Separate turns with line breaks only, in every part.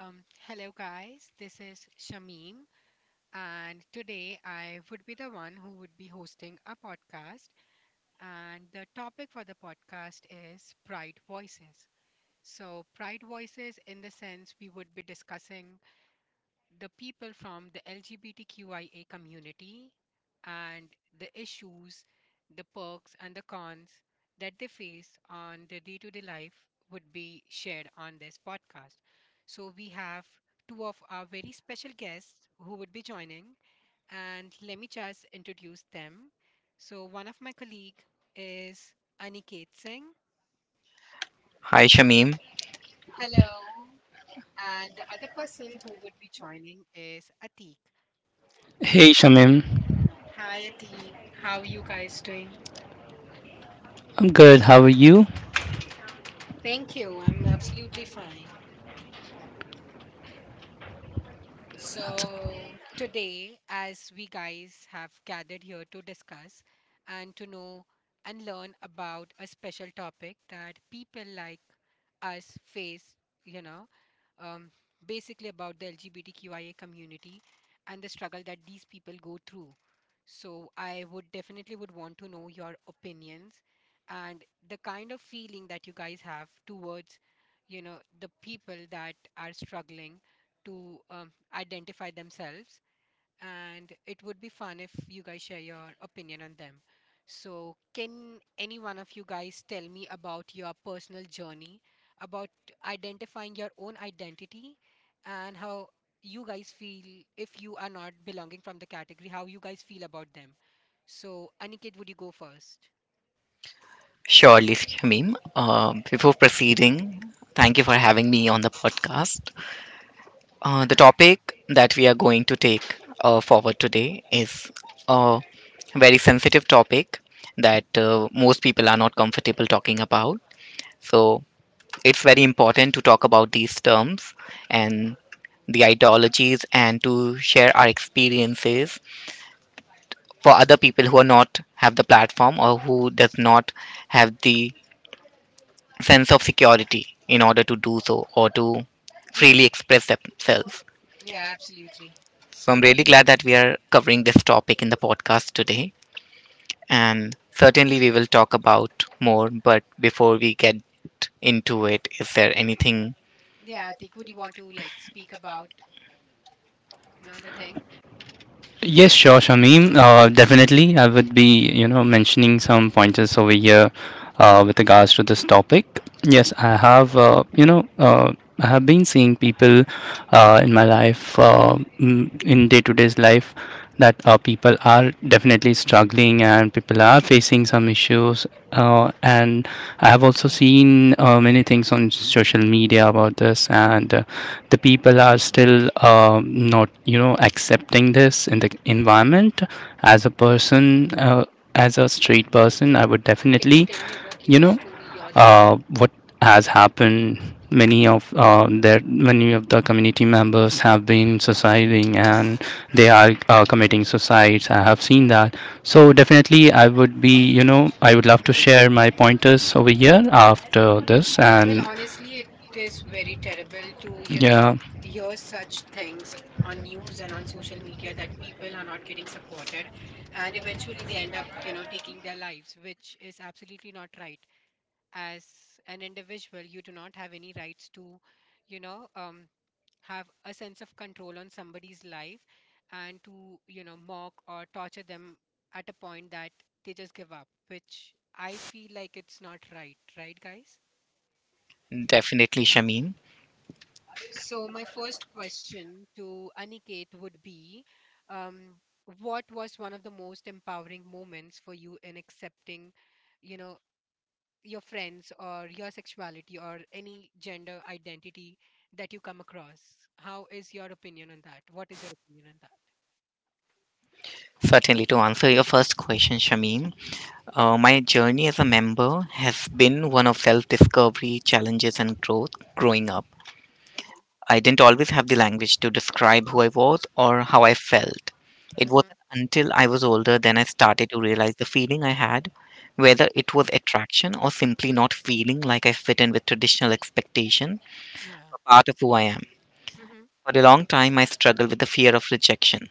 Hello, guys. This is Shamim, and today I would be the one who would be hosting a podcast. And the topic for the podcast is Pride Voices. So, Pride Voices, in the sense, we would be discussing the people from the LGBTQIA community and the issues, the perks, and the cons that they face on their day to day life would be shared on this podcast. So, we have two of our very special guests who would be joining, and let me just introduce them. So, one of my colleague is Aniket Singh.
Hi, Shamim.
Hello. And the other person who would be joining is Atik. Hi, how are you doing? Thank you. I'm absolutely fine. So, today, as we guys have gathered here to discuss and to know and learn about a special topic that people like us face, you know, um, basically about the LGBTQIA community and the struggle that these people go through. So, I would definitely would want to know your opinions and the kind of feeling that you guys have towards, the people that are struggling to identify themselves. And it would be fun if you guys share your opinion on them. So, can any one of you guys tell me about your personal journey, about identifying your own identity, and how you guys feel if you are not belonging from the category, how you guys feel about them? So, Aniket, would you go first?
Surely, Shamim. Before proceeding, thank you for having me on the podcast. The topic that we are going to take forward today is a very sensitive topic that most people are not comfortable talking about. So, it's very important to talk about these terms and the ideologies and to share our experiences for other people who are not have the platform or who does not have the sense of security in order to do so or to
Hmm.
freely express themselves.
Yeah, absolutely.
So I'm really glad that we are covering this topic in the podcast today. And certainly we will talk about more. But before we get into it, is there anything?
Yeah, Atik, would you want to like speak about another thing? Well, honestly, it is very terrible to, hear such things on news and on social media that people are not getting supported, and eventually they end up, taking their lives, which is absolutely not right. As an individual, you do not have any rights to, you know, um, have a sense of control on somebody's life and to, mock or torture them at a point that they just give up, which I feel like it's not right, right, guys?
Definitely, Shamim.
So first question to Aniket would be, um, what was one of the most empowering moments for you in accepting, you know, your friends or your sexuality or any gender identity that you come across? How is your opinion on that? What is your opinion on that?
Certainly, to answer your first question, Shamim, my journey as a member has been one of self discovery, challenges, and growth growing up.
Hmm.
I didn't always have the language to describe who I was or how I felt. It wasn't
Mm-hmm.
until I was older then I started to realize the feeling I had, whether it was attraction or simply not feeling like I fit in with traditional expectation,
Yeah.
a part of who I am.
Mm-hmm.
For a long time, I struggled with the fear of rejection.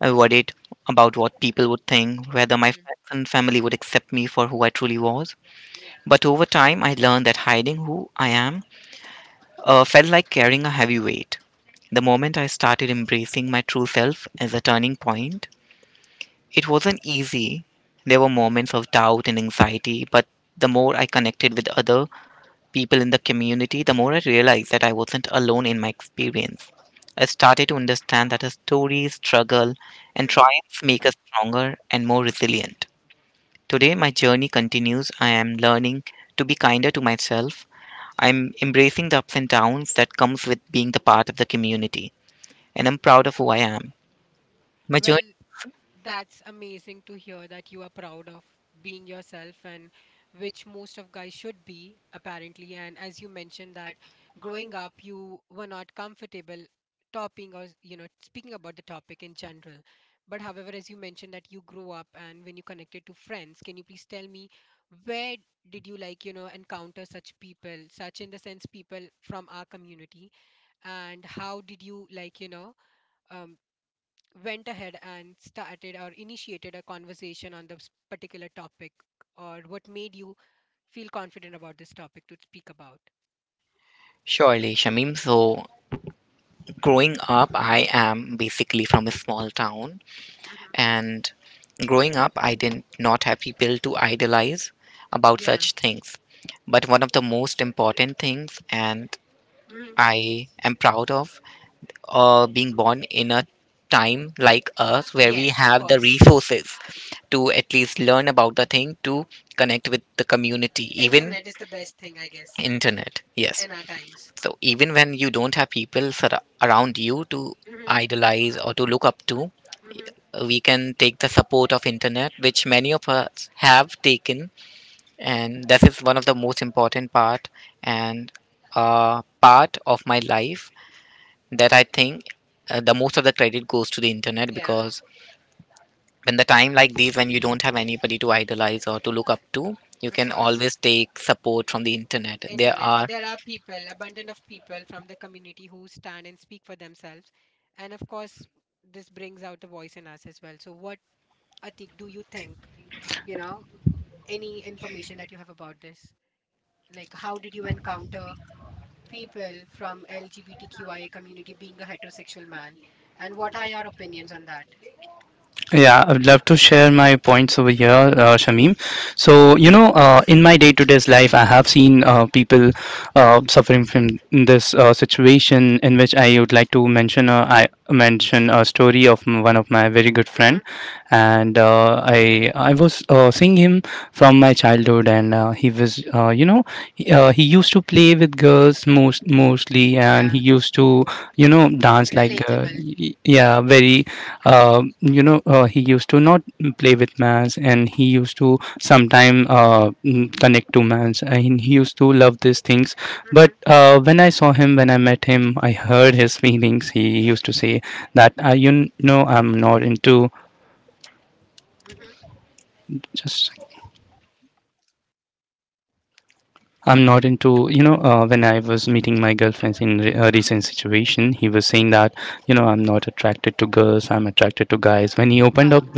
I worried about what people would think, whether my
Mm-hmm.
friends and family would accept me for who I truly was. But over time, I learned that hiding who I am felt like carrying a heavy weight. The moment I started embracing my true self as a turning point, it wasn't easy. There were moments of doubt and anxiety, but the more I connected with other people in the community, the more I realized that I wasn't alone in my experience. I started to understand that our stories, struggle, and
Mm-hmm.
triumphs make us stronger and more resilient. Today, my journey continues. I am learning to be kinder to myself. I'm embracing the ups and downs that comes with being the part of the community, and I'm proud of who I am. My
Well,
journey,
that's amazing to hear that you are proud of being yourself, and which most of guys should be, apparently. And as you mentioned that growing up, you were not comfortable topping or speaking about the topic in general. But however, as you mentioned that you grew up and when you connected to friends, can you please tell me where did you like encounter such people, such in the sense people from our community? And how did you like um, went ahead and started or initiated a conversation on this particular topic, or what made you feel confident about this topic to speak about?
surely, Shamim. So, growing up, I am basically from a small town, and growing up, I did not have people to idolize about
Yeah.
such things. But one of the most important things, and
Hmm.
I am proud of, being born in a time like us where we
Yes, of
have the
course.
resources to at least learn about the thing to connect with the community even.
Internet is the best thing, I guess.
Internet, yes.
In our times.
So even when you don't have people around you to
Hmm.
idolize or to look up to,
Hmm.
we can take the support of internet, which many of us have taken, and this is one of the most important part, and uh, part of my life that I think the most of the credit goes to the internet,
Yeah,
because when the time like these, when you don't have anybody to idolize or to look up to, you
of
can
course.
always take support from the internet there.
Internet,
Are.
there are people, abundant of people from the community who stand and speak for themselves. And of course, this brings out the voice in us as well. So what, Atik, do you think, you know any information that you have about this? Like, how did you encounter people from LGBTQIA community being a heterosexual man, and what are your opinions on that? Hmm. Yeah, relatable. Hmm. Hmm. Wow.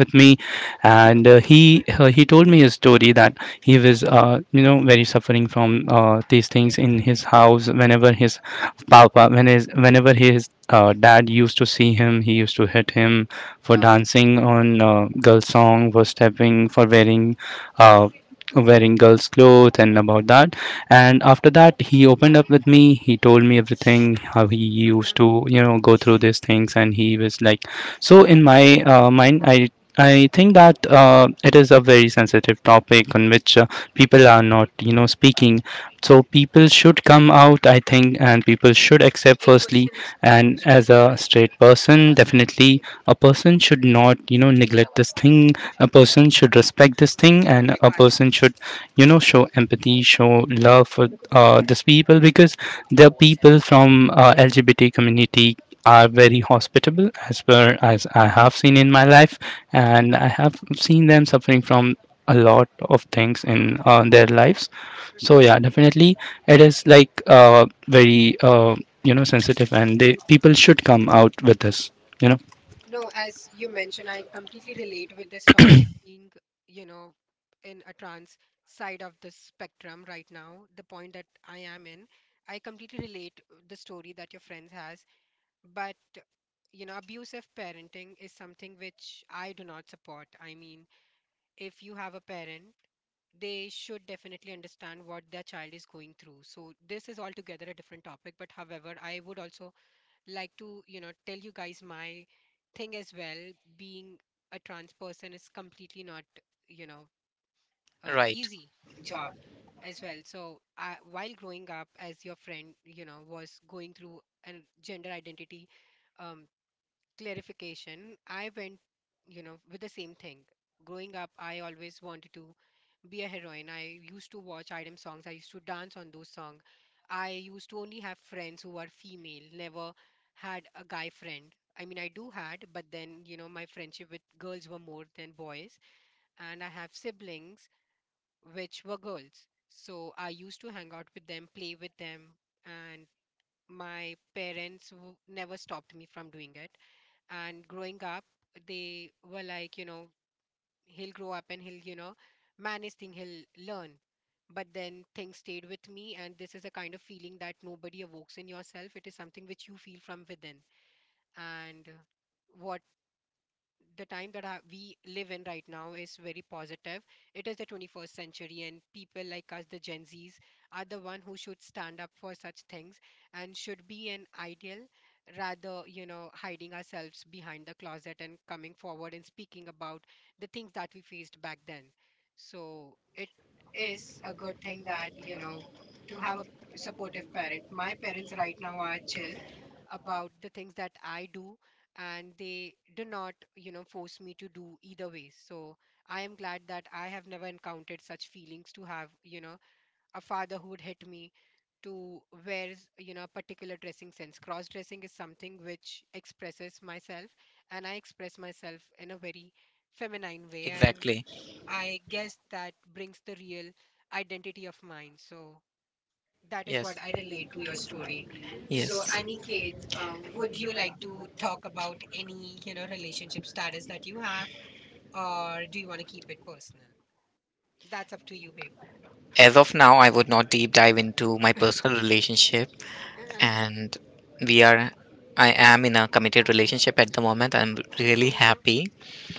Oh. Hmm. No, as you mentioned, I completely relate with this topic being, you know, in a trans side of the spectrum right now, the point that I am in. I completely relate the story that your friends has. But abusive parenting is something which I do not support. I mean, if you have a parent, they should definitely understand what their child is going through. So this is altogether a different topic. But however, I would also like to tell you guys my thing as well. Being a trans person is completely not you know
Right way.
easy job as well. So I, while growing up, as your friend, was going through a gender identity um, clarification. I went, with the same thing. Growing up, I always wanted to be a heroine. I used to watch item songs. I used to dance on those songs. I used to only have friends who were female. Never had a guy friend. I mean, I do had, but then, my friendship with girls were more than boys. And I have siblings which were girls, so I used to hang out with them, play with them. And my parents never stopped me from doing it. And growing up, they were like, he'll grow up and he'll, manage thing, he'll learn. But then things stayed with me, and this is a kind of feeling that nobody evokes in yourself. It is something which you feel from within. And what, the time that we live in right now is very positive. It is the 21st century, and people like us, the Gen Zs, are the one who should stand up for such things and should be an ideal, rather, hiding ourselves behind the closet and coming forward and speaking about the things that we faced back then. So it is a good thing that, to have a supportive parent. My parents right now are chill about the things that I do, and they do not force me to do either way. So I am glad that I have never encountered such feelings to have, a father who would hit me to wear, a particular dressing sense. Cross dressing is something which expresses myself, and I express myself in a very feminine way. And
Exactly.
I guess that brings the real identity of mine. So that is
Yes.
what I relate to your
So,
story. So,
yes,
Aniket, would you like to talk about any, relationship status that you have, or do you want to keep it personal? That's up to you, babe.
as of now I would not deep dive into my personal relationship. Uh-huh.
Uh-huh.
And we are I am in a committed relationship at the moment. I'm really
Woohoo.
happy.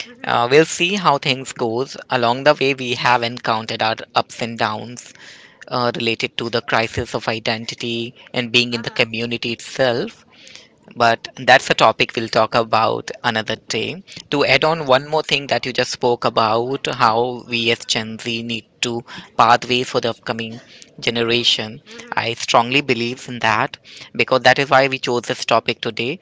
Mm-hmm.
We'll see how things goes. Along the way, we have encountered our ups and downs related to the crisis of identity and being in the
Uh-huh.
community itself. But that's a topic we'll talk about another day. To add on
Yeah.
one more thing that you just spoke about, how we as Gen Z need to pathways for the upcoming generation.
Mm-hmm.
I strongly believe in that because that is why we chose this topic today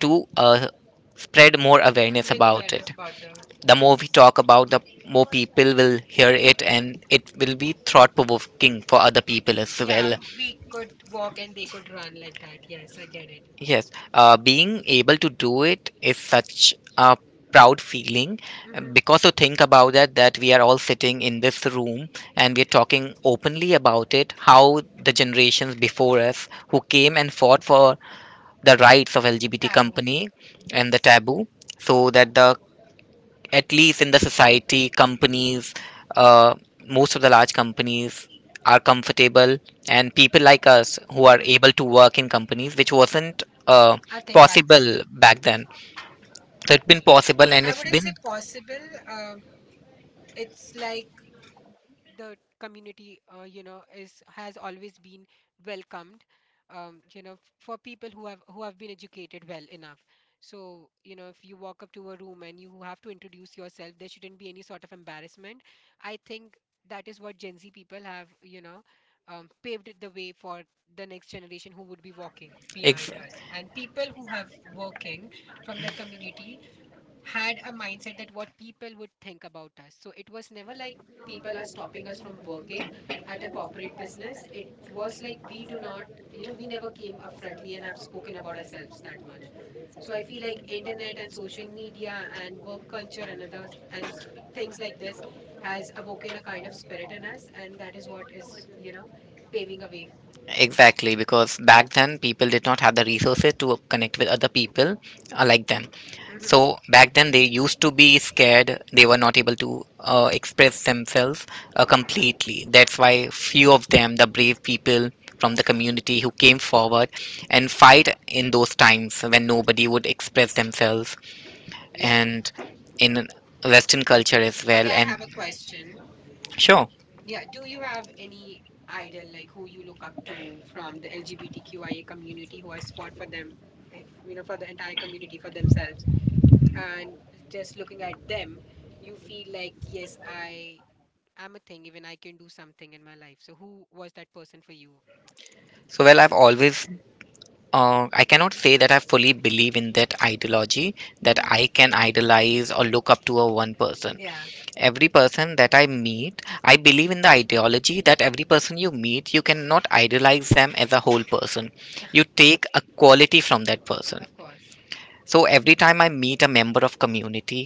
to spread more awareness
Bring
about
awareness
it.
about the,
The
yes.
more we talk about, the more people will hear it, and it will be thought provoking for other people as
Yeah,
well.
we could walk and they could run like that. Yes, I get it.
Yes, being able to do it is such a proud feeling,
Mm-hmm.
because to think about that we are all sitting in this room and we are talking openly about it, how the generations before us who came and fought for the rights of LGBT
Taboo.
company and the
Yes.
taboo, so that the at least in the society, companies, uh, most of the large companies are comfortable, and people like us who are
Mm-hmm.
able to work in companies, which wasn't
A thing back then.
possible back then. So it's been possible, and
I
it's
wouldn't say
been
possible. Um, it's like, the community, you know is has always been welcomed, for people who have been educated well enough. So, if you walk up to a room and you have to introduce yourself, there shouldn't be any sort of embarrassment. I think that is what Gen Z people have, paved the way for the next generation, who would be walking
ex-
behind us. And people who have working from the community had a mindset that what people would think about us. So it was never like people are stopping us from working at a corporate business. It was like we do not, we never came up frontly and have spoken about ourselves that much. So I feel like internet and social media and work culture and others and things like this has awoken a kind of spirit in us, and that is what is, paving a way.
Exactly, because back then people did not have the resources to connect with other people like them.
Hmm.
So back then they used to be scared. They were not able to express themselves completely. That's why few of them, the brave people from the community who came forward and fight in those times when nobody would express themselves
Yeah.
and in Western culture as
Okay,
well.
I
And
have a question.
sure.
Yeah, do you have any idol, like who you look up to from the LGBTQIA community, who has fought for them, for the entire community, for themselves? And just looking at them, you feel like, yes, I am a thing, even I can do something in my life. So who was that person for you?
So well, I cannot say that I fully believe in that ideology that
Mm-hmm.
I can idolize or look up to a one person.
Yeah,
Every person that I meet, I believe in the ideology that every person you meet, you cannot idolize them as a whole person. You take a quality from that person.
of course.
So every time I meet a member of community,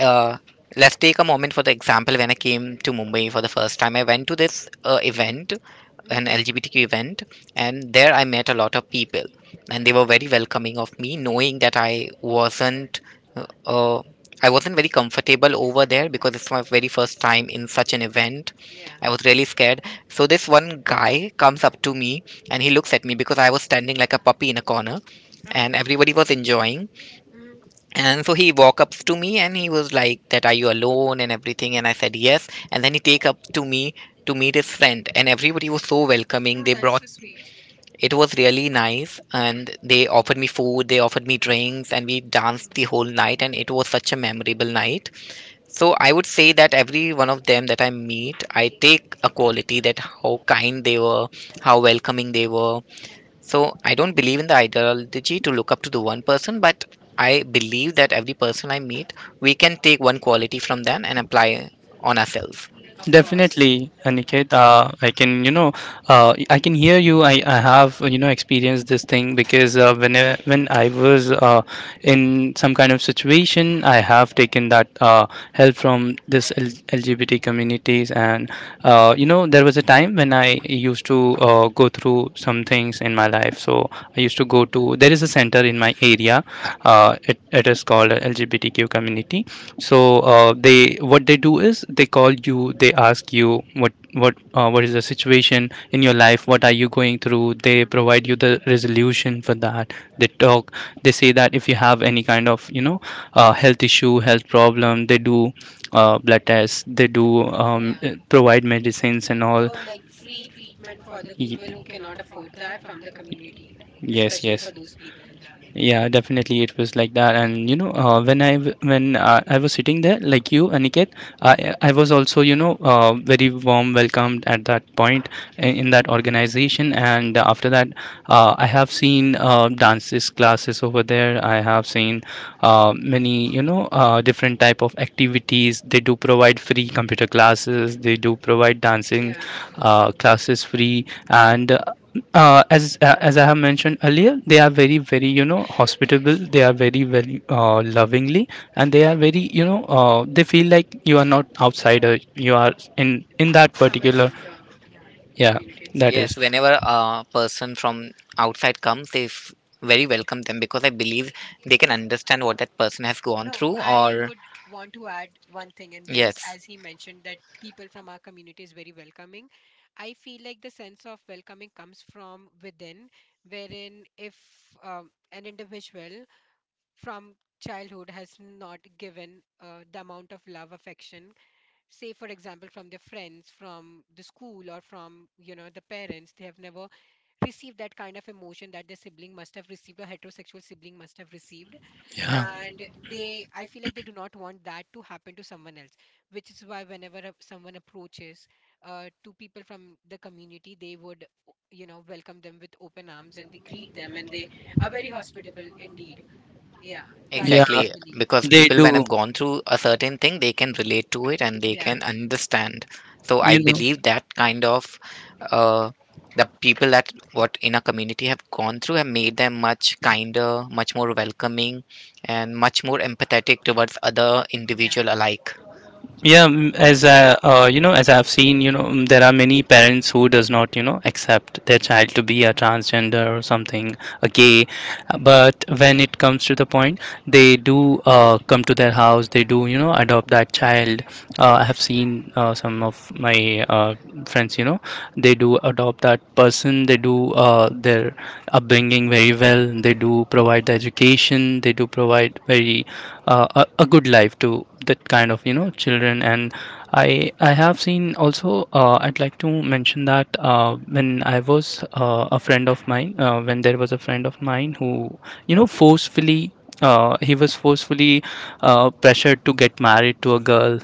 uh, let's take a moment for the example. When I came to Mumbai for the first time, I went to this event, an
Mm-hmm.
LGBTQ event, and there I met a lot of people, and they were very welcoming of me, knowing that wasn't uh, uh, I wasn't very comfortable over there because it's my very first time in such an event.
Yeah.
I was really scared. So this one guy comes up to me, and he looks at me because I was standing like a puppy in a corner,
Oh,
and everybody was enjoying.
mm-hmm.
And so he walk up to me, and he was like, that are you alone, and everything, and I said yes, and then he take up to me to meet his friend, and everybody was so welcoming,
No,
they
that is
brought.
so sweet.
It was really nice, and they offered me food, they offered me drinks, and we danced the whole night, and it was such a
Hmm.
memorable night. So I would say that every one of them that I meet, I take a quality, that how kind they were, how welcoming they were. So I don't believe in the ideology to look up to the one person, but I believe that every person I meet, we can take one quality from them and apply on ourselves.
Of course. Mm-hmm. Yeah. Oh, like free treatment for the people who cannot afford that from the community, especially for those people. Yeah. Yeah. Somebody from the, yeah, community itself.
Yes, whenever a person from outside comes, they very welcome them because I believe they can understand what that person has gone
No,
through,
I
or
would want to add one thing in this,
yes.
as he mentioned that people from our community is very welcoming. I feel like the sense of welcoming comes from within, wherein if, an individual from childhood has not given, the amount of love, affection, say for example from their friends from the school or from, the parents, they have never received that kind of emotion that their sibling must have received, or heterosexual sibling must have received. And they, I feel like, they do not want that to happen to someone else. Which is why whenever someone approaches, to people from the community, they would, welcome them with open arms, and they greet them, and they are very hospitable indeed. Yeah, that is what I
Exactly,
believe.
because people, when have gone through a certain thing, they can relate to it and they
Yeah.
can understand. So I believe that kind of uh, the people that what in a community have gone through have
Mhm.
made them much kinder, much more welcoming, and much more empathetic towards other
Yeah.
individual alike.
Hmm. Oh,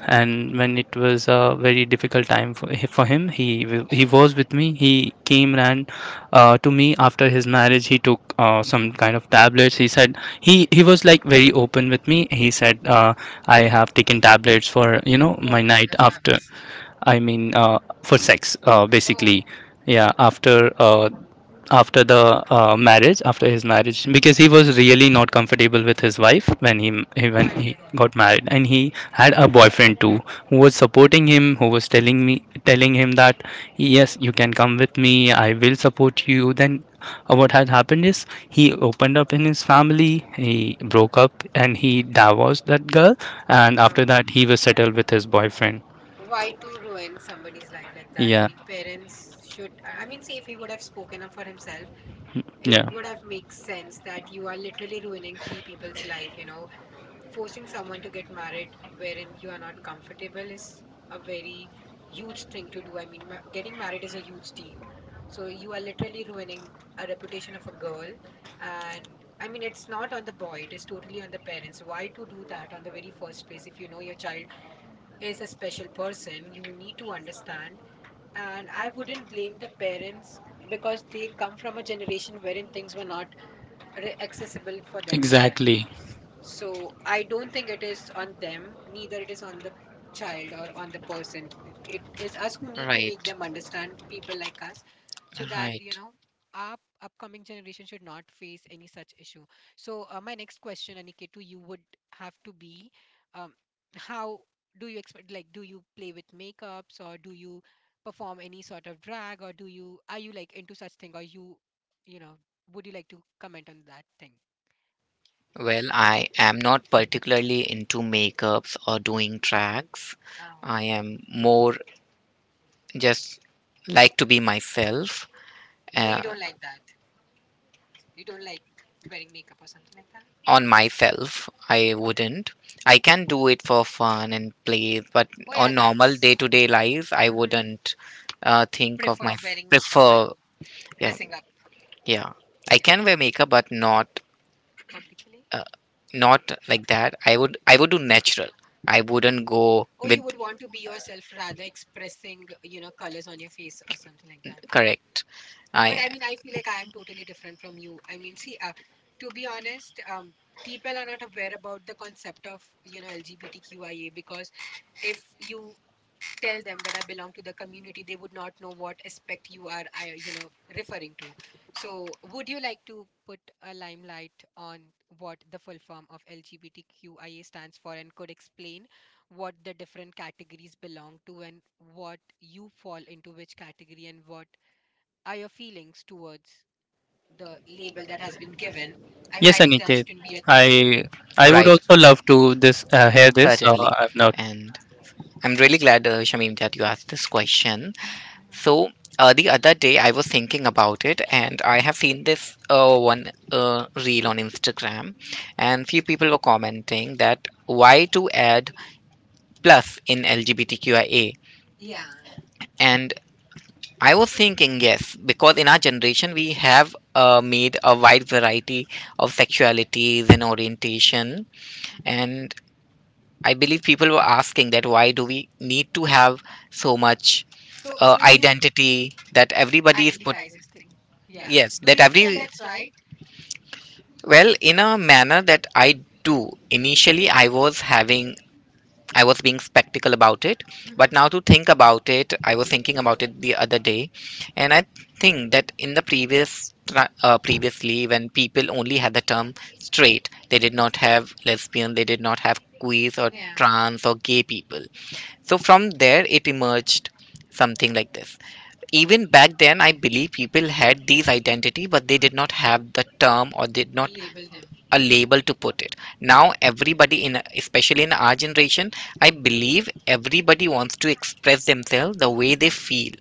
what kind of fabrics? Oh, oh, I get it. Oh, why to ruin somebody's life like that? I mean, parents should. I mean, see, if he would have spoken up for himself, it would have made sense that you are literally ruining three people's life, forcing someone to get married wherein you are not comfortable is a very huge thing to do. I mean, getting married is a huge deal. So you are literally ruining a reputation of a girl. And I mean, it's not on the boy, it is totally on the parents. Why to do that on the very first place if you know your child is a special person? You need to understand. And I wouldn't blame the parents because they come from a generation wherein things were not accessible for them as well. So I don't think it is on them, neither it is on the child or on the person. It is us who need to
Right.
make them understand, people like us, so that, you
Right.
know, our upcoming generation should not face any such issue. So my next question, Aniket, to you would have to be, um, how do you expect, like, do you play with makeups or do you perform any sort of drag or do you, are you like into such thing or you know, would you like to comment on that thing?
Well, I am not particularly into makeups or doing tracks.
Oh,
I am more just like to be myself.
oh, you
uh,
don't like that. You don't like wearing makeup or something like that?
on myself I wouldn't. I can do it for fun and play, but,
Oh
oh,
yeah,
on normal
that's
day-to-day life I would,
hmm
wouldn't think of my
prefer wearing makeup and
prefer. Yeah,
dressing up.
yeah, I
Yeah,
can wear makeup, but not
publicly.
uh, like that. I would do natural. I wouldn't go, oh,
Or
with,
you would want to be yourself rather expressing, you know, colors on your face or something like that.
correct, I.
But I mean, I feel like I am totally different from you. I mean, see, to be honest, people are not aware about the concept of, you know, LGBTQIA because if you tell them that I belong to the community, they would not know what aspect you are, I, you know, referring to. So, would you like to put a limelight on what the full form of LGBTQIA stands for and could explain what the different categories belong to and what you fall into which category and what are your feelings towards the label that has been given? I mean, I did that shouldn't be a thing.
Right, certainly. And I'm really glad, Shamim, that you asked this question.
Hmm.
So the other day I was thinking about it, and I have seen this one reel on Instagram, and few people were commenting that why to add plus in LGBTQIA,
Yeah.
and I was thinking yes, because in our generation we have made a wide variety of sexualities and orientation,
Hmm.
and I believe people were asking that why do we need to have so much
So, do you
identity that everybody is
identity
put.
crisis thing. Yeah.
Yes,
Do
that
you feel like
every.
that right?
Well, in a manner that I do. Initially, I was being spectacle about it.
Hmm.
But now to think about it, I was thinking about it the other day, and I think that in the previous, tra- previously, when people only had the term straight, they did not have lesbian, they did not have queer or
Yeah.
trans or gay people. So from there, it emerged something like this. Even back then, I believe people had these identity, but they did not have the term or did
Or
not
label them.
a label to put it. Now everybody in, especially in our generation, I believe everybody wants to express themselves the way they
Hmm.
feel,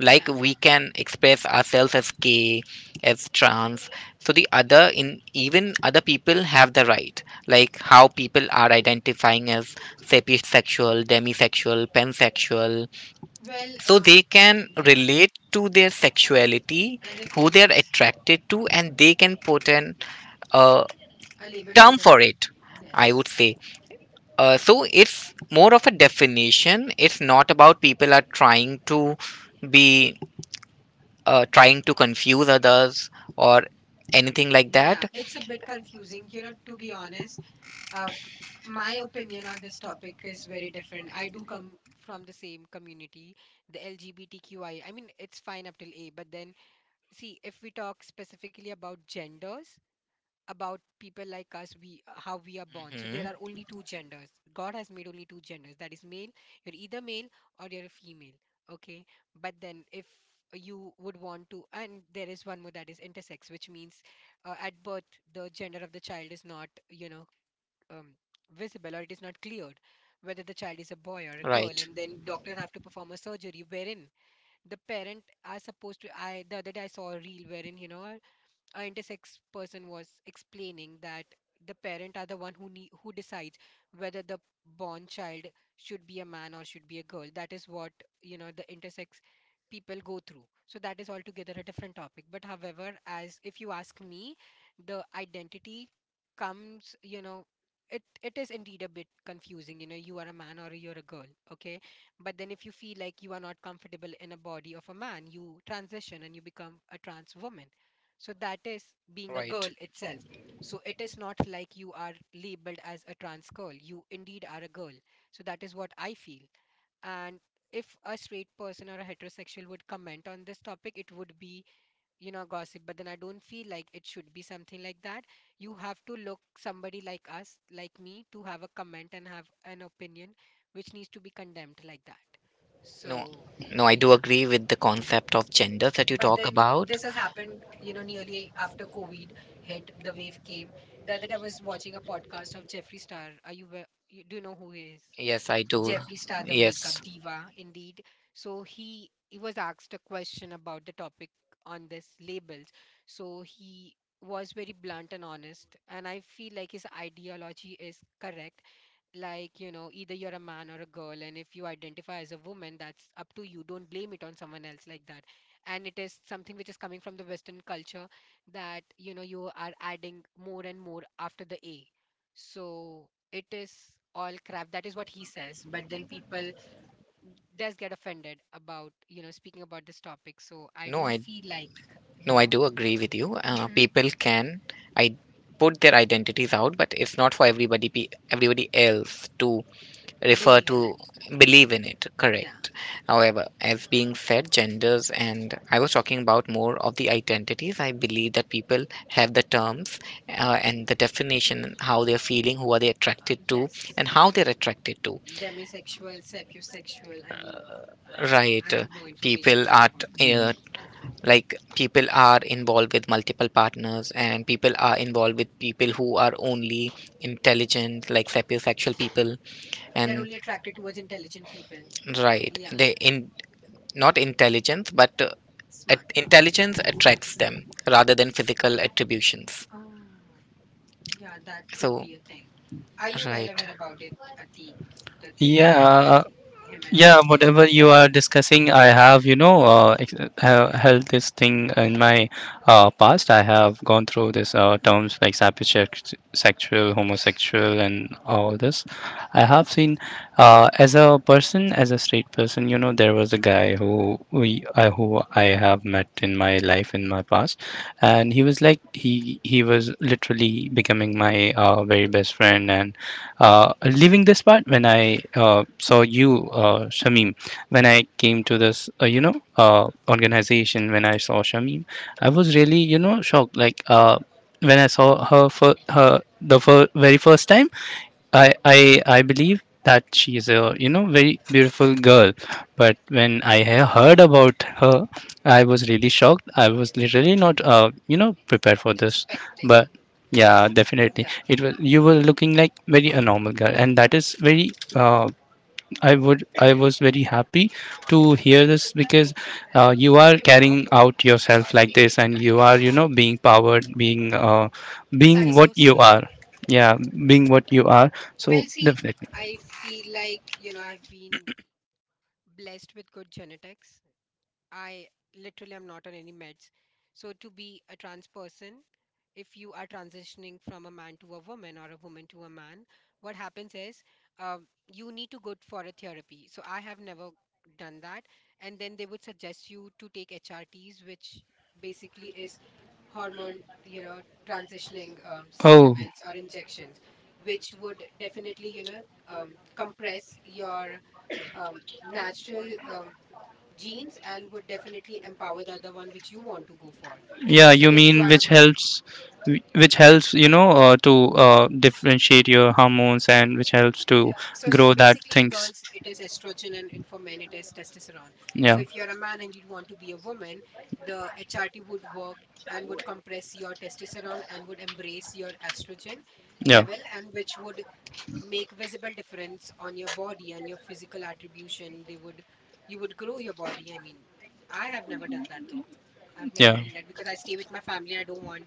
like
Yeah.
we can express ourselves as gay, as trans. So the other in even other people have the right, like how people are identifying as sapiosexual, demisexual, pansexual,
Well,
so they can
yeah.
relate to their sexuality,
And their
who they are
feelings
attracted to, and they can put an uh,
are labeled to
term
the.
for it, I would say. So it's more of a definition. It's not about people are trying to be trying to confuse others or anything like
Yeah,
that.
it's a bit confusing, you know, to be honest. Uh, my opinion on this topic is very different. I do come from the same community, the LGBTQI. I mean, it's fine up till A, but then see if we talk specifically about genders about people like us, we how we are born, so there are
Mhm.
only two genders. God has made only two genders, that is male. You're either male or you're a female. Okay. But then if you would want to, and there is one more that is intersex, which means at birth the gender of the child is not, you know, um, visible or it is not cleared whether the child is a boy or a girl,
Right.
and then doctors have to perform a surgery wherein the parent are supposed to, I the other day I saw a reel wherein, you know, a intersex person was explaining that the parent are the one who need, who decides whether the born child should be a man or should be a girl. That is what, you know, the intersex people go through. So that is altogether a different topic, but however, as if you ask me, the identity comes, you know, it is indeed a bit confusing. You know, you are a man or you're a girl, okay, but then if you feel like you are not comfortable in a body of a man, you transition and you become a trans woman. So that is being a girl itself. So
Right.
it is not like you are labeled as a trans girl. You indeed are a girl. So that is what I feel. And if a straight person or a heterosexual would comment on this topic, it would be, you know, gossip. But then I don't feel like it should be something like that. You have to look somebody like us, like me, to have a comment and have an opinion which needs to be condemned like that.
No,
So,
no, I do
yeah,
agree with the concept of gender that you
but
talk
then
about.
this has happened, you know, nearly after COVID hit, the wave came. The other day I was watching a podcast of Jeffree Star. Are you, you do you know who he is?
Yes, I do.
Jeffree Star, the makeup
Yes. Makeup.
diva, indeed. So he was asked a question about the topic on this labels. So he was very blunt and honest, and I feel like his ideology is correct, like, you know, either you're a man or a girl, and if you identify as a woman, that's up to you. Don't blame it on someone else like that. And it is something which is coming from the western culture, that, you know, you are adding more and more after the A. So it is all crap, that is what he says. But then people does get offended about, you know, speaking about this topic, so I
No,
don't
I
feel like, you
no, I
know,
do agree with you.
hmm,
People can, I, put their identities out, but it's not for everybody. Pe everybody else to refer
believe
to,
in it,
believe in it,
yeah.
correct. However, as being said, genders, and I was talking about more of the identities, I believe that people have the terms and the definition, how they're feeling, who are they attracted to,
Yes,
and how they're attracted to.
demisexual, sapiosexual. I mean, I
Right.
have no information
People
more
are
about them.
t- uh, like people are involved with multiple partners and people are involved with people who are only intelligent, like sapiosexual people,
They're
and
only attracted towards intelligent people.
right,
Yeah,
they in not intelligence but
smart.
intelligence attracts them rather than physical attributions.
Oh, yeah, that could
So,
be a thing. Are you well
right.
aware about it, Atik? The things that Atik, him and I discussed. Expecting. Yeah, and that is so sweet. Well, see, I feel like, you know, I've been blessed with good genetics. I literally am not on any meds. So to be a trans person, if you are transitioning from a man to a woman or a woman to a man, what happens is, you need to go for a therapy. So I have never done that, and then they would suggest you to take HRTs, which basically is hormone, you know, transitioning supplements or injections, which would definitely, you know, compress your natural um, genes and would definitely empower the other one which you want to go for. So if you are a man, yeah. So see, basically in girls it is estrogen, and for men it is testosterone. So if you are a man and you want to be a woman, the HRT would work and would compress your testosterone and would embrace your estrogen level, and which would make visible difference on your body and your physical attribution. They would, you would grow your body. I mean, I have never done that though. I've never been that because I stay with my family and I don't want,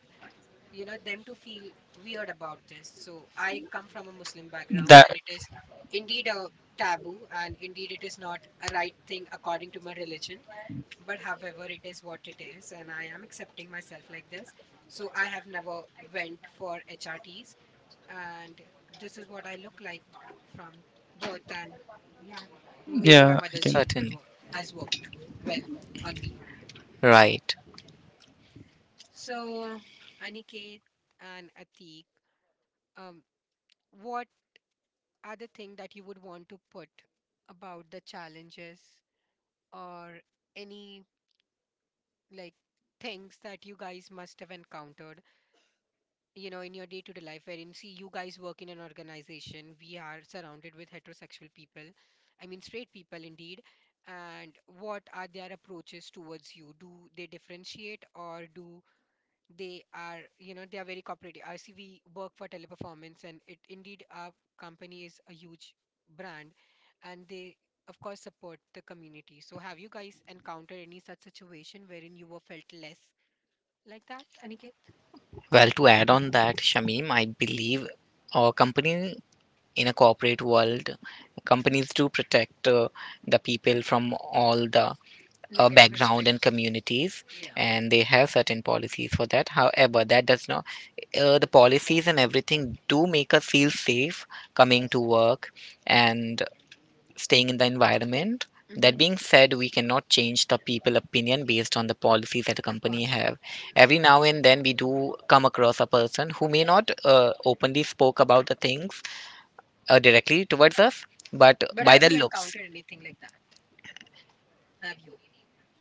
you know, them to feel weird about this. So I come from a Muslim background, and it is indeed a taboo, and indeed it is not a right thing according to my religion. But however, it is what it is, and I am accepting myself like this. So I have never went for HRTs, and this is what I look like from birth. And yeah, maybe my mother's gene would
Certainly.
work, has worked well on me.
Right.
So Aniket and Atik, um what other thing that you would want to put about the challenges or any, like, things that you guys must have encountered, you know, in your day-to-day life wherein, see, you guys work in an organization, we are surrounded with heterosexual people, I mean straight people indeed. And what are their approaches towards you? Do they differentiate or do they, are, you know, they are very cooperative? I see we work for Teleperformance, and it indeed our company is a huge brand, and they of course support the community. So have you guys encountered any such situation wherein you were felt less like that, Aniket?
Well, to add on that, Shamim, I believe our company, in a corporate world, companies do protect the people from all the
Negative
background and
aspects.
communities,
Yeah.
and they have certain policies for that. However, that does not the policies and everything do make us feel safe coming to work and staying in the environment. That
Hmm.
Being said, we cannot change the people opinion based on the policies that a
Of
company
course.
have. Every now and then we do come across a person who may not openly spoke about the things directly towards us, but
But
by
have
the
you
looks.
encountered anything like that? Have you,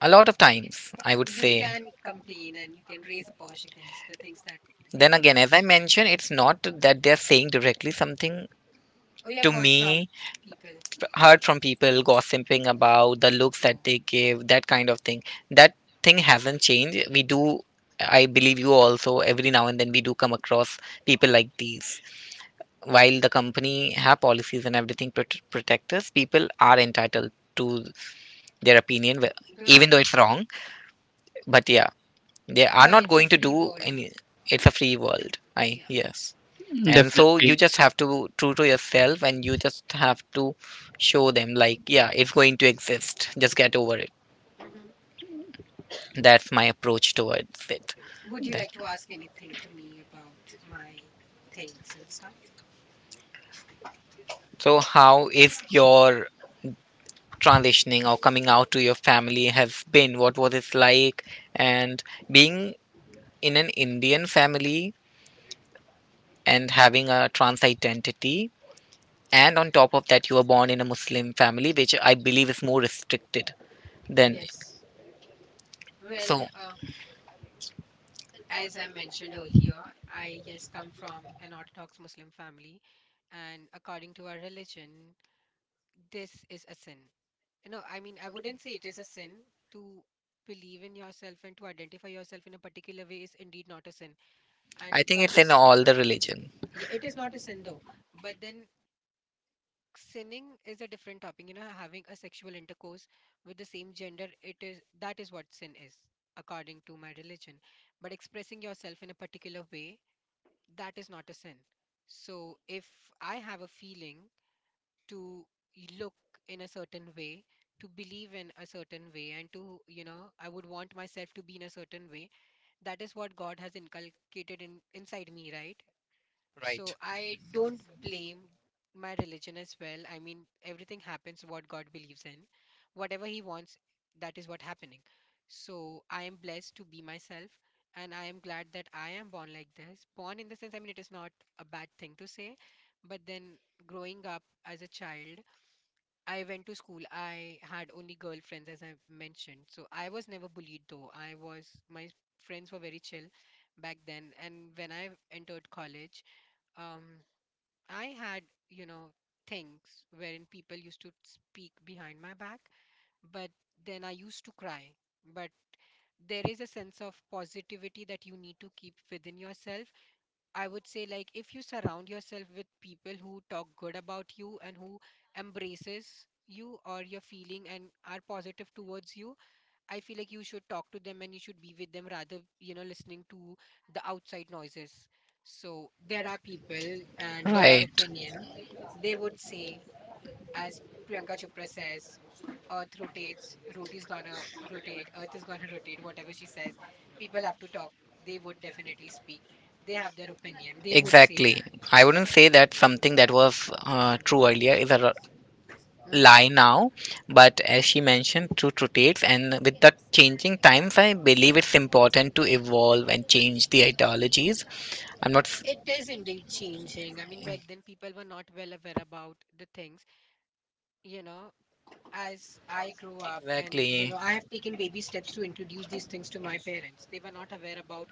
A lot of times, I would
you
say.
can complain and you can raise a posh against the things that you have
Then again,
encountered.
as I mentioned, it's not that they're saying directly something
Oh, you have
to
heard from
me.
people.
Heard from people gossiping about the looks that
No,
they give, that kind of thing. That thing hasn't changed. We do, I believe you also, every now and then we do come across people like these. While the company have policies and everything protect us, people are entitled to their opinion,
I don't have
even though
their
it's
opinion.
wrong. But yeah, they are
Yeah,
not
it's a
going to
free
do
world.
any. It's a free world. I
Yeah.
Yes, and so you just have to true to yourself and you just have to show them, like, yeah, it's going to exist, just get over it.
Hmm.
That's my approach towards it.
Would you like
That-
to ask anything to me about my things and stuff?
so how is your transitioning or coming out to your family has been, what was it like, and being in an Indian family and having a trans identity, and on top of that, you were born in a Muslim family, which I believe is more restricted than.
Yes. Well,
So,
as I mentioned earlier, I yes come from an Orthodox Muslim family, and according to our religion, this is a sin. You know, I mean, I wouldn't say it is a sin to believe in yourself and to identify yourself in a particular way is indeed not a sin, and
think
that
it's in
is
all the religion.
yeah, it is not a sin though. But then sinning is a different topic. You know, having a sexual intercourse with the same gender, it is that is what sin is, according to my religion. But expressing yourself in a particular way, that is not a sin. So if I have a feeling to look in a certain way, to believe in a certain way, and I would want myself to be in a certain way. That is what God has inculcated in inside me, right?
Right.
So I don't blame my religion as well. I mean, everything happens what God believes in. Whatever He wants, that is what happening. So I am blessed to be myself, and I am glad that I am born like this. Born in the sense, I mean, it is not a bad thing to say, but then growing up as a child, I went to school. I had only girlfriends, as I mentioned. So I was never bullied, though. My friends were very chill back then. And when I entered college, um I had, you know, things wherein people used to speak behind my back, but then I used to cry. But there is a sense of positivity that you need to keep within yourself. I would say, like, if you surround yourself with people who talk good about you and who embraces you or your feeling and are positive towards you, I feel like you should talk to them and you should be with them rather, you know, listening to the outside noises. So there are people and there are
Right.
opinion. They would say, as Priyanka Chopra says, Earth rotates, roti is gonna rotate, Earth is gonna rotate, whatever she says. People have to talk. They would definitely speak. They have their opinion. They would say
Exactly.
that.
I wouldn't say that something that was true earlier is a
Mhm.
lie now, but as she mentioned, true rotates, and with the changing times, I believe it's important to evolve and change the ideologies. I'm not s-
It is indeed changing. I mean, back then people were not well aware about the things, you know, as I grew up. And
Exactly.
I have
Exactly.
taken baby steps to introduce these things to my parents. They were not aware about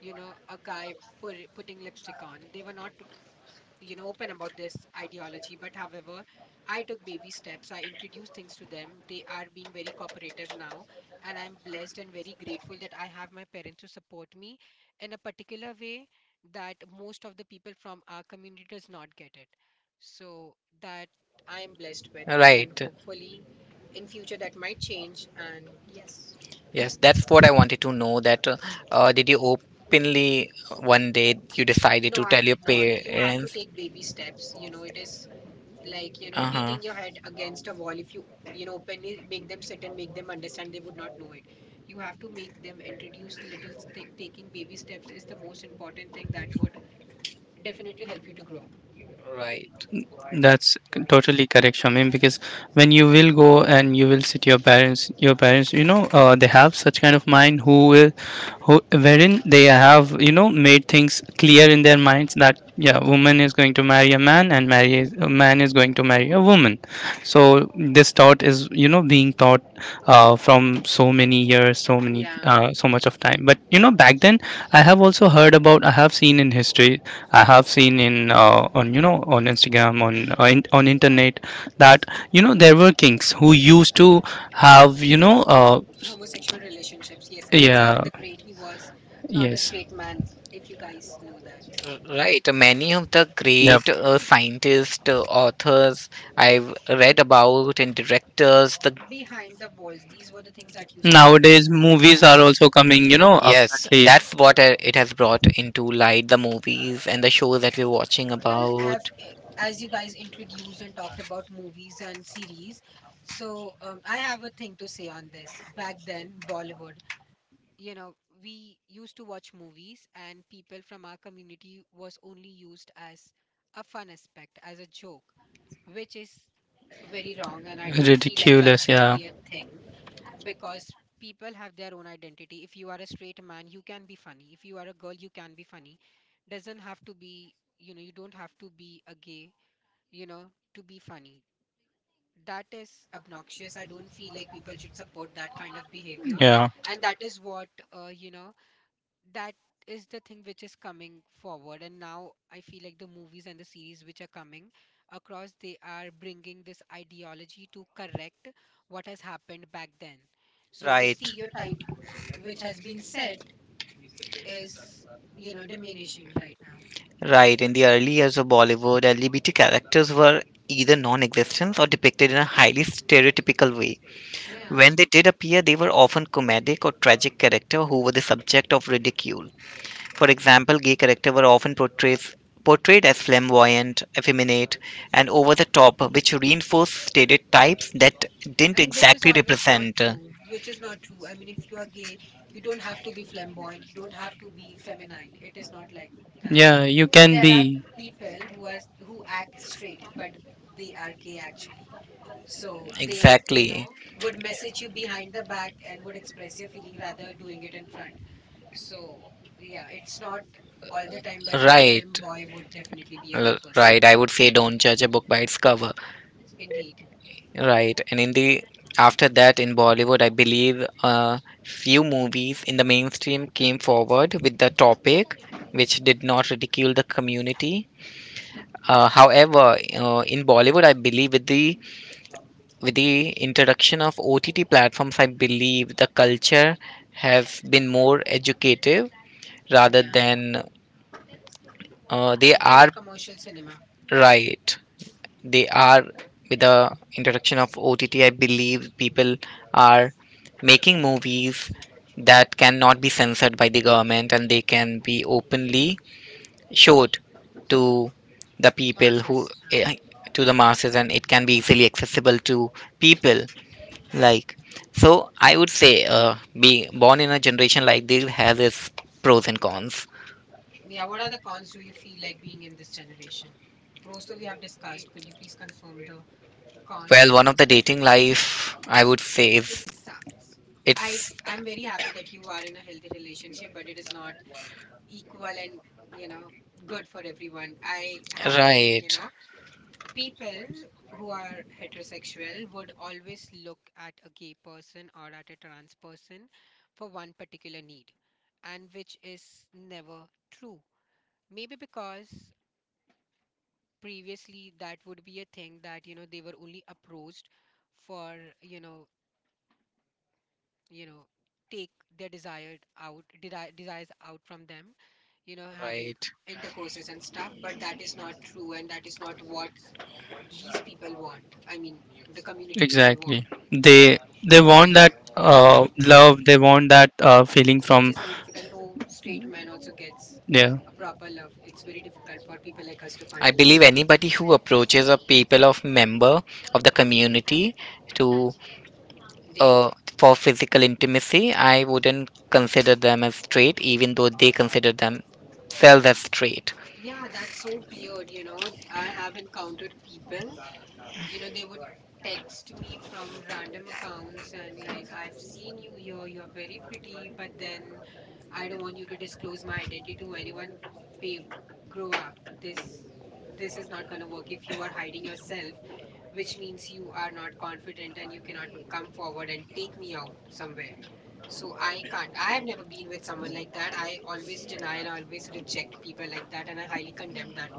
a guy putting lipstick on. They were not open about this ideology, but however, I took baby steps, I introduced things to them. They are being very cooperative now, and I'm blessed and very grateful that I have my parents who support me in a particular way that most of the people from our community does not get it. So that I am blessed with, and
Right.
hopefully in future that might change, and yes.
Yes, that's what I wanted to know. That did you openly one day you decided
No,
to
I
tell your
did not. You have to
parents?
take baby steps. It is like, you know,
Uh
beating your
huh.
head against a wall. If openly make them sit and make them understand, they would not know it. You have to make them introduce little thing. Taking baby steps is the most important thing that would definitely help you to grow,
would Right,
yeah. Homosexual relationships, yes. Alexander the Great, he was not a straight man, if you guys know that.
right. Many of the great scientists, authors I've read about, and directors, the.
Behind the walls, these were the things that used to happen, behind the walls.
Yes, that's what it has brought into light, the movies and the shows that we're watching. Well, as,
Well,
about,
as,
as.
as you guys introduced and talked about movies and series, so I have a thing to say on this. Back then, Bollywood, you know, we used to watch movies, and people from our community was only used as a fun aspect, as a joke, which is very wrong. And I don't feel like that should be a thing, because people have their own identity. If you are a straight man, you can be funny. If you are a girl, you can be funny. Doesn't have to be, you don't have to be a gay, you know, to be funny. That is obnoxious. I don't feel like people should support that kind of behavior. And that is what, that is the thing which is coming forward. And now I feel like the movies and the series which are coming across, they are bringing this ideology to correct what has happened back then. So the
Right.
stereotype which has been set is, diminishing right now.
Right, in the early years of Bollywood, LGBT characters were either non existent or depicted in a highly stereotypical way. Yeah.
Yeah.
When they did appear, they were often comedic or tragic characters who were the subject of ridicule. For example, gay characters were often portrayed as flamboyant, effeminate, and over the top, which reinforced stereotypes that didn't
And which is
exactly
always not
represent.
true, which is not true. I mean, if you are gay, you don't have to be flamboyant, you
To
don't have to be feminine. It is not like that. There are people who act straight, but they are gay actually. So
be.
they,
Exactly.
would message you behind the back and would express your feeling rather doing it in front. So yeah, it's not all the time that a
Right.
femboy would definitely be a gay
Behaving.
person.
Right. I would say don't judge a book by its cover.
Indeed,
Right, and in the after that in Bollywood, I believe few movies in the mainstream came forward with the topic, which did not ridicule the community. However, in Bollywood, I believe with the introduction of OTT platforms, I believe the culture have been more educative rather
yeah.
than they
Being
are.
a commercial cinema
Right. they are With the introduction of OTT, I believe people are making movies that cannot be censored by the government and they can be openly showed to the people who
passes.
to the masses, and it can be easily accessible to people like, so I would say be born in a generation like this has its pros and cons.
Yeah. Yeah, what are the cons do you feel like being in this generation? Pros, so we have discussed. Could you please confirm the
Well,
cons?
one of the dating life, I would say,
It
is
sucks.
it's
I'm very happy that you are in a healthy relationship, but it is not equal and, you know, good for everyone. I have a thing, you
right.
know. People who are heterosexual would always look at a gay person or at a trans person for one particular need, and which is never true. Maybe because previously that would be a thing that, you know, they were only approached for, you know, you know, take their desires out from them, you know, having
Right.
intercourses and stuff, but that is not true, and that is not what these people want. I mean, the community people want. Which is very difficult. No straight man also gets a proper love. It's very difficult for people like us to find
I
a love,
believe anybody who approaches a people of member of the community to
date.
uh, for physical intimacy, I wouldn't consider them as straight, even though they consider themselves as straight.
Yeah, that's so weird, you know. I have encountered people, you know, they would text me from random accounts and like, I've seen you here, you're very pretty, but then I don't want you to disclose my identity to anyone. Babe, grow up. This this is not going to work if you are hiding yourself, which means you are not confident and you cannot come forward and take me out somewhere. So I can't. I have never been with someone like that. I always deny and I always reject people like that, and I highly condemn that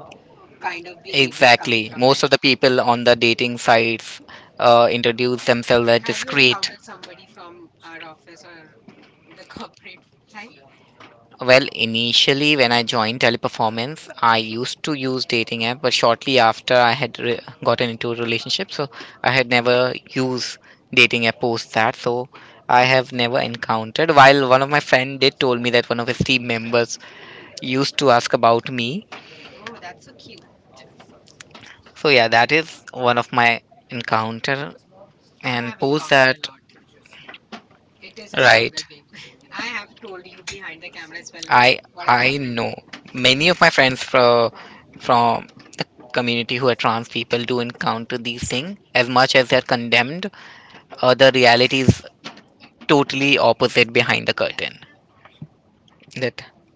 kind of behavior coming
Exactly.
from men.
Most of the people on the dating sites introduce themselves as
Have you
discreet.
encountered somebody from our office or the corporate
Well, initially when I joined Teleperformance, I used to use dating app, but shortly after I had gotten into a relationship, so I had
life?
never used dating app post that. So I have never encountered. While one of my friend did told me that one of his team members used to ask about me.
Oh, that's so cute.
So yeah, that is one of my encounter,
I
and
have
post
encountered a
that,
lot. It is a struggle,
right.
babe. I have told you
i
behind the camera as well
I
what has
happened.
happened.
Know many
Yeah.
of my friends from from the community who are trans people do encounter these things. As much as they're condemned, the reality is totally opposite behind the
Yeah.
curtain, that. So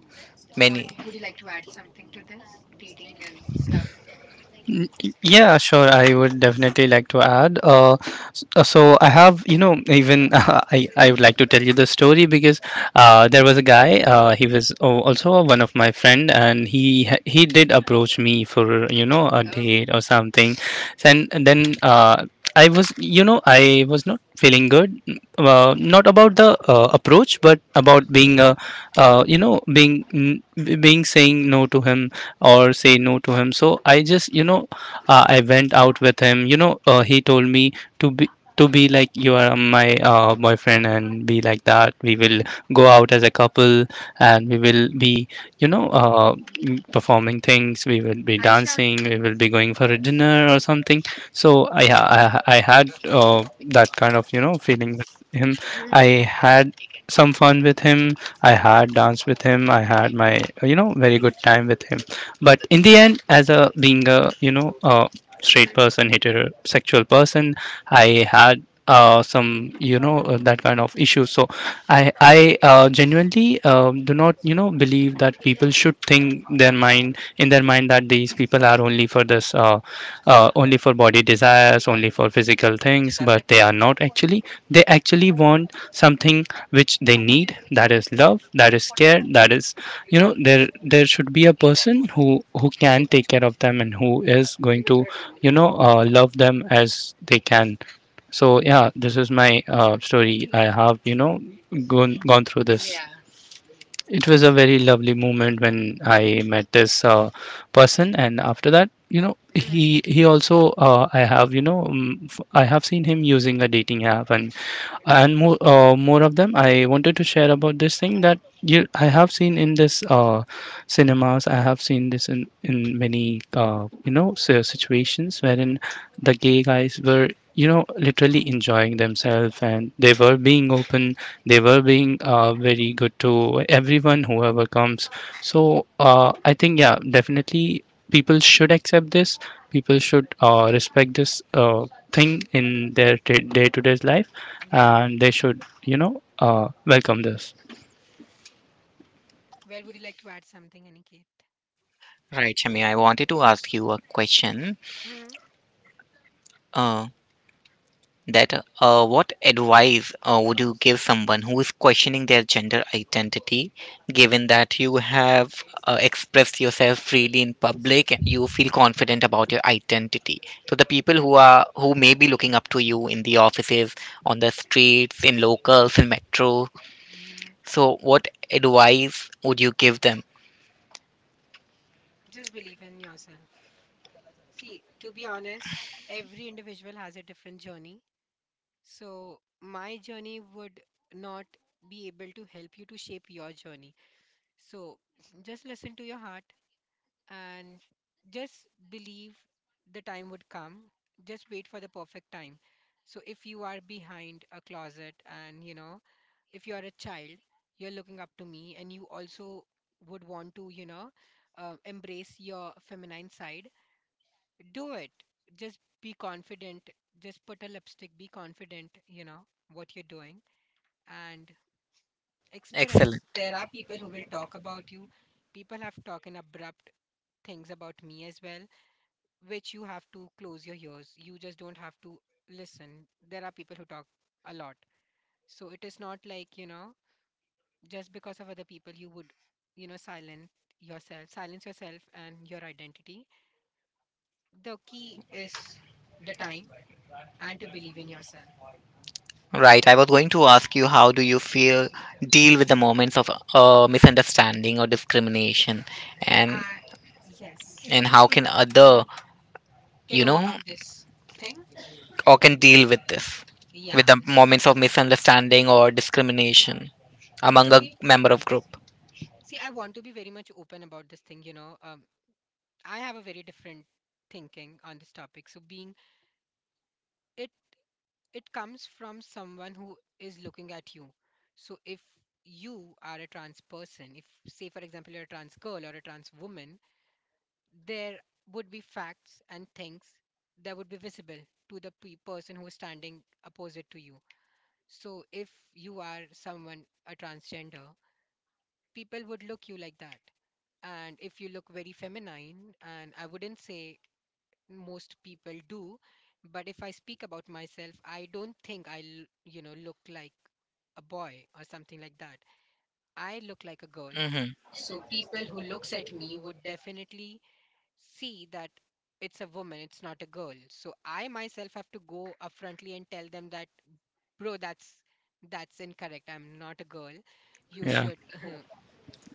I
So,
many
I think, would you
think.
like to add something to this? Dating and stuff. Oh. Hmm. Yeah. Hmm. Yeah. Well, would you like to add something, Aniket?
Right, Shami, I wanted to ask you a question.
Hmm.
Uh, that what advice would you give someone who is questioning their gender identity, given that you have expressed yourself freely in public and you feel confident about your identity, so the people who are who may be looking up to you in the offices, on the streets, in locals, in metro,
Hmm.
so what advice would you give them?
Just believe in yourself. See, to be honest, every individual has a different journey. So, my journey would not be able to help you to shape your journey. So, just listen to your heart and just believe, the time would come. Just wait for the perfect time. So, if you are behind a closet and you know, if you are a child, you're looking up to me and you also would want to, you know, embrace your feminine side, do it. Just be confident. Just put a lipstick, be confident, you know, what you're doing, and express.
Excellent.
There are people who will talk about you. People have talked abrupt things about me as well, which you have to close your ears. You just don't have to listen. There are people who talk a lot. So it is not like, you know, just because of other people, you would, you know, silence yourself and your identity. The key is the time and to believe in yourself.
Right, I was going to ask you how do you feel deal with the moments of misunderstanding or discrimination, and
I, yes,
how can
hmm,
other,
can
you know,
overcome this thing.
or can deal with this
Yeah,
with the
s-
moments of misunderstanding or discrimination among
to
a
be
member of group.
See, I want to be very much open about this thing, you know. I have a very different thinking on this topic. So being it it comes from someone who is looking at you. So if you are a trans person, if say for example you're a trans girl or a trans woman, there would be facts and things that would be visible to the person who is standing opposite to you. So if you are someone a transgender, people would look you like that. And if you look very feminine, and I wouldn't say most people do, but if I speak about myself, I don't think look like a boy or something like that. I look like a girl.
Mm-hmm.
So people who looks at me would definitely see that it's a woman, it's not a girl. So I myself have to go upfrontly and tell them that, bro, that's incorrect, I'm not a girl. You should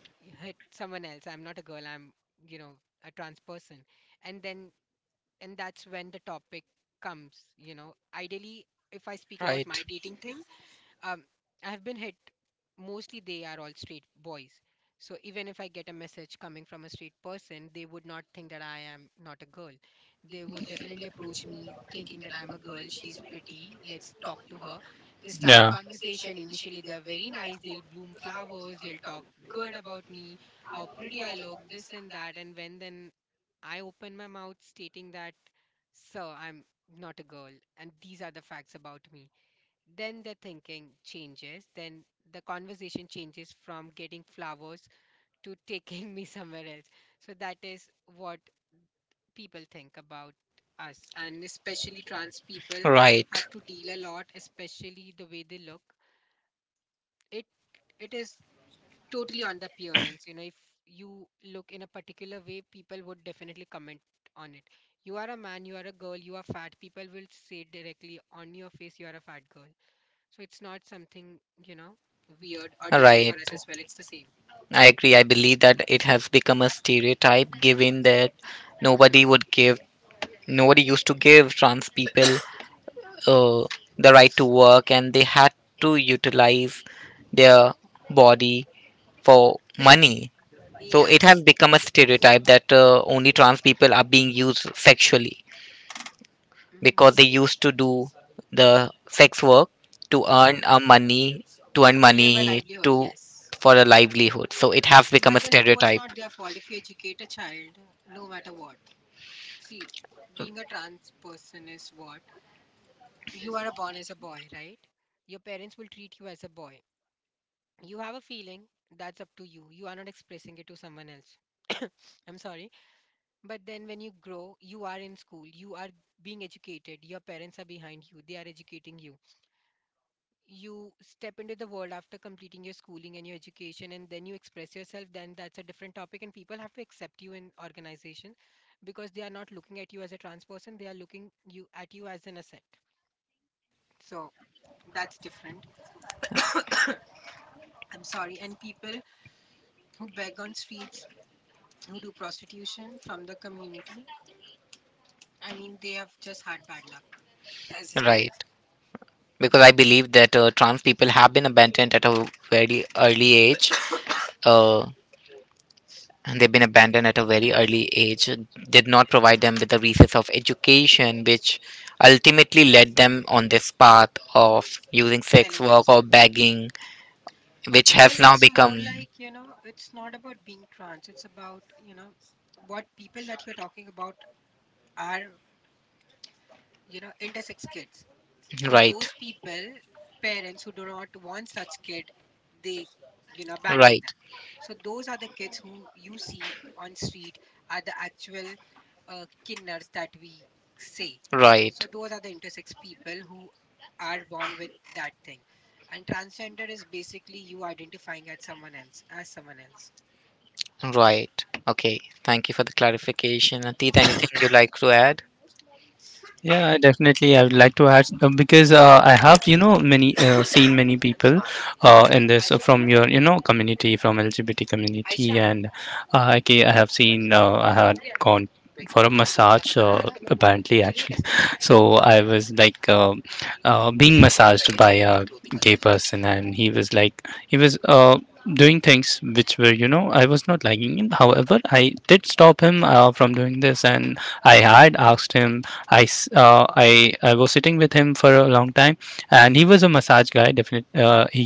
hit someone else. I'm not a girl, I'm, you know, a trans person. And then, and that's when the topic comes, you know. Ideally, if I speak about
Right.
my dating thing, um, I've been hit. Mostly they are all street boys. So even if I get a message coming from a street person, they would not think that I am not a girl. They would definitely approach me thinking that I'm a girl, she's pretty, let's talk to her. They start conversation. Initially, they are very nice. They'll bloom flowers, they'll talk good about me, how pretty I look, this and that. And when then I open my mouth stating that, sir, I'm not a girl, and these are the facts about me. Then the thinking changes, then the conversation changes from getting flowers to taking me somewhere else. So that is what people think about us, and especially trans people
Right.
have to deal a lot, especially the way they look. It it is totally on the appearance. If you look in a particular way, people would definitely comment on it. You are a man, you are a girl, you are fat. People will say directly on your face, you are a fat girl. So it's not something, you know, weird or different
Right.
for us as well. It's the same.
I agree. I believe that it has become a stereotype given that
Hmm.
nobody would give nobody used to give trans people uh, the right to work, and they had to utilize their body for money. So yeah, it
Yeah.
has become a stereotype that only trans people are being used sexually
Hmm.
because they used to do the sex work to earn
Before.
a money to earn
To live a
money
livelihood,
to
yes.
for a livelihood. So it has become a
But then it was
stereotype.
not their fault. If you educate a child, no matter what. See, being a trans person is what? You are born as a boy, right? Your parents will treat you as a boy. You have a feeling, that's up to you. You are not expressing it to someone else. I'm sorry, but then when you grow, you are in school, you are being educated, your parents are behind you, they are educating you. You step into the world after completing your schooling and your education, and then you express yourself. Then that's a different topic, and people have to accept you in organization, because they are not looking at you as a trans person, they are looking you at you as an asset. So that's different. I'm sorry. And people who beg on streets, who do prostitution from the community, I mean, they have just had bad luck as a kid,
Right. Because I believe that trans people have been abandoned at a very early age, uh, and they've been abandoned at a very early age, did not provide them with the resources of education, which ultimately led them on this path of using sex
selling
work or
themselves.
begging, which has
Well,
now
it's more
become.
like, it's not about being trans. It's about what people that you're talking about are intersex kids. So
Right,
those people, parents who do not want such kid, they abandon
right,
them. So those are the kids who you see on street, are the actual kinners that we say.
right,
So those are the intersex people who are born with that thing. And transgender is basically you identifying as someone else, as someone else.
right. Okay, thank you for the clarification. Atit, anything you'd like to add?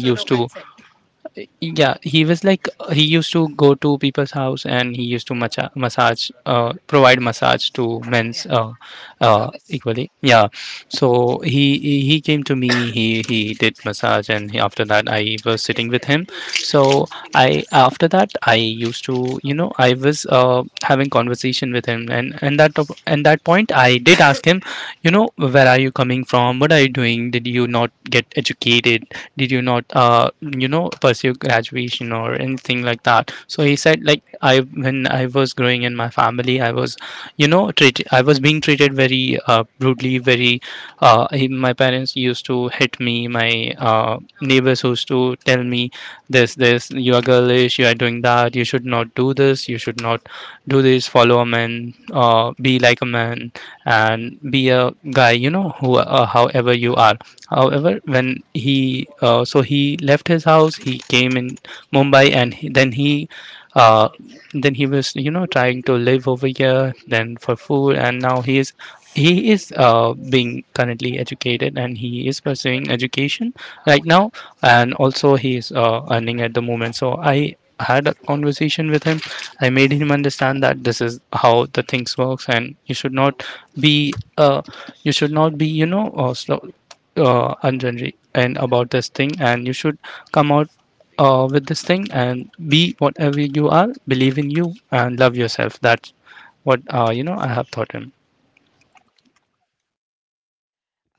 So no consent. Yeah. Service.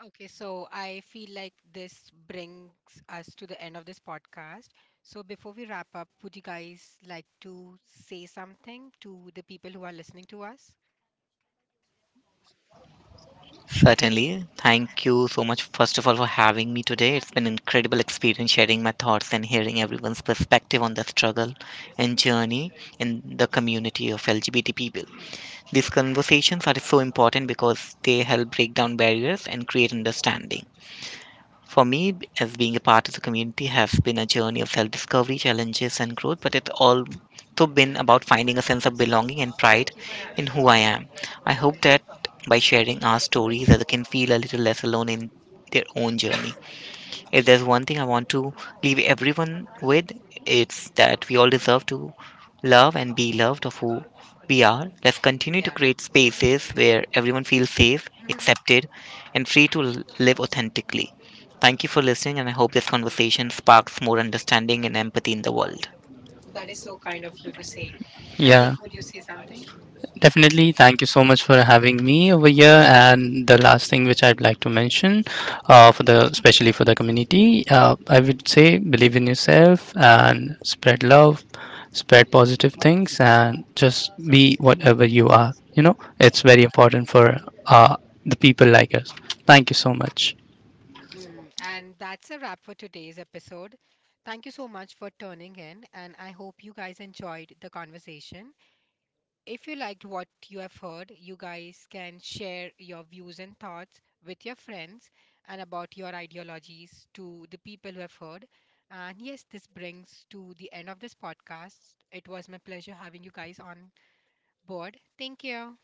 Okay, so I feel like this brings us to the end of this podcast. So before we wrap up, would you guys like to say something to the people who are listening to us?
Certainly. Thank you so much, first of all, for having me today. It's been an incredible experience sharing my thoughts and hearing everyone's perspective on the struggle and journey in the community of LGBT people. These conversations are so important because they help break down barriers and create understanding. For me, as being a part of the community has been a journey of self discovery, challenges, and growth, but it's also been about finding a sense of belonging and pride in who I am. I hope that by sharing our stories, others can feel a little less alone in their own journey. If there's one thing I want to leave everyone with, it's that we all deserve to love and be loved of who we are. Let's continue to
Yeah.
create spaces where everyone feels safe,
Mhm.
accepted, and free to live authentically. Thank you for listening, and I hope this conversation sparks more understanding and empathy in the world.
That is so kind of you to say. Atik, would you say something? And that's a wrap for today's episode. Thank you so much for tuning in, and I hope you guys enjoyed the conversation. If you liked what you have heard, you guys can share your views and thoughts with your friends and about your ideologies to the people who have heard. And yes, this brings to the end of this podcast. It was my pleasure having you guys on board. Thank you.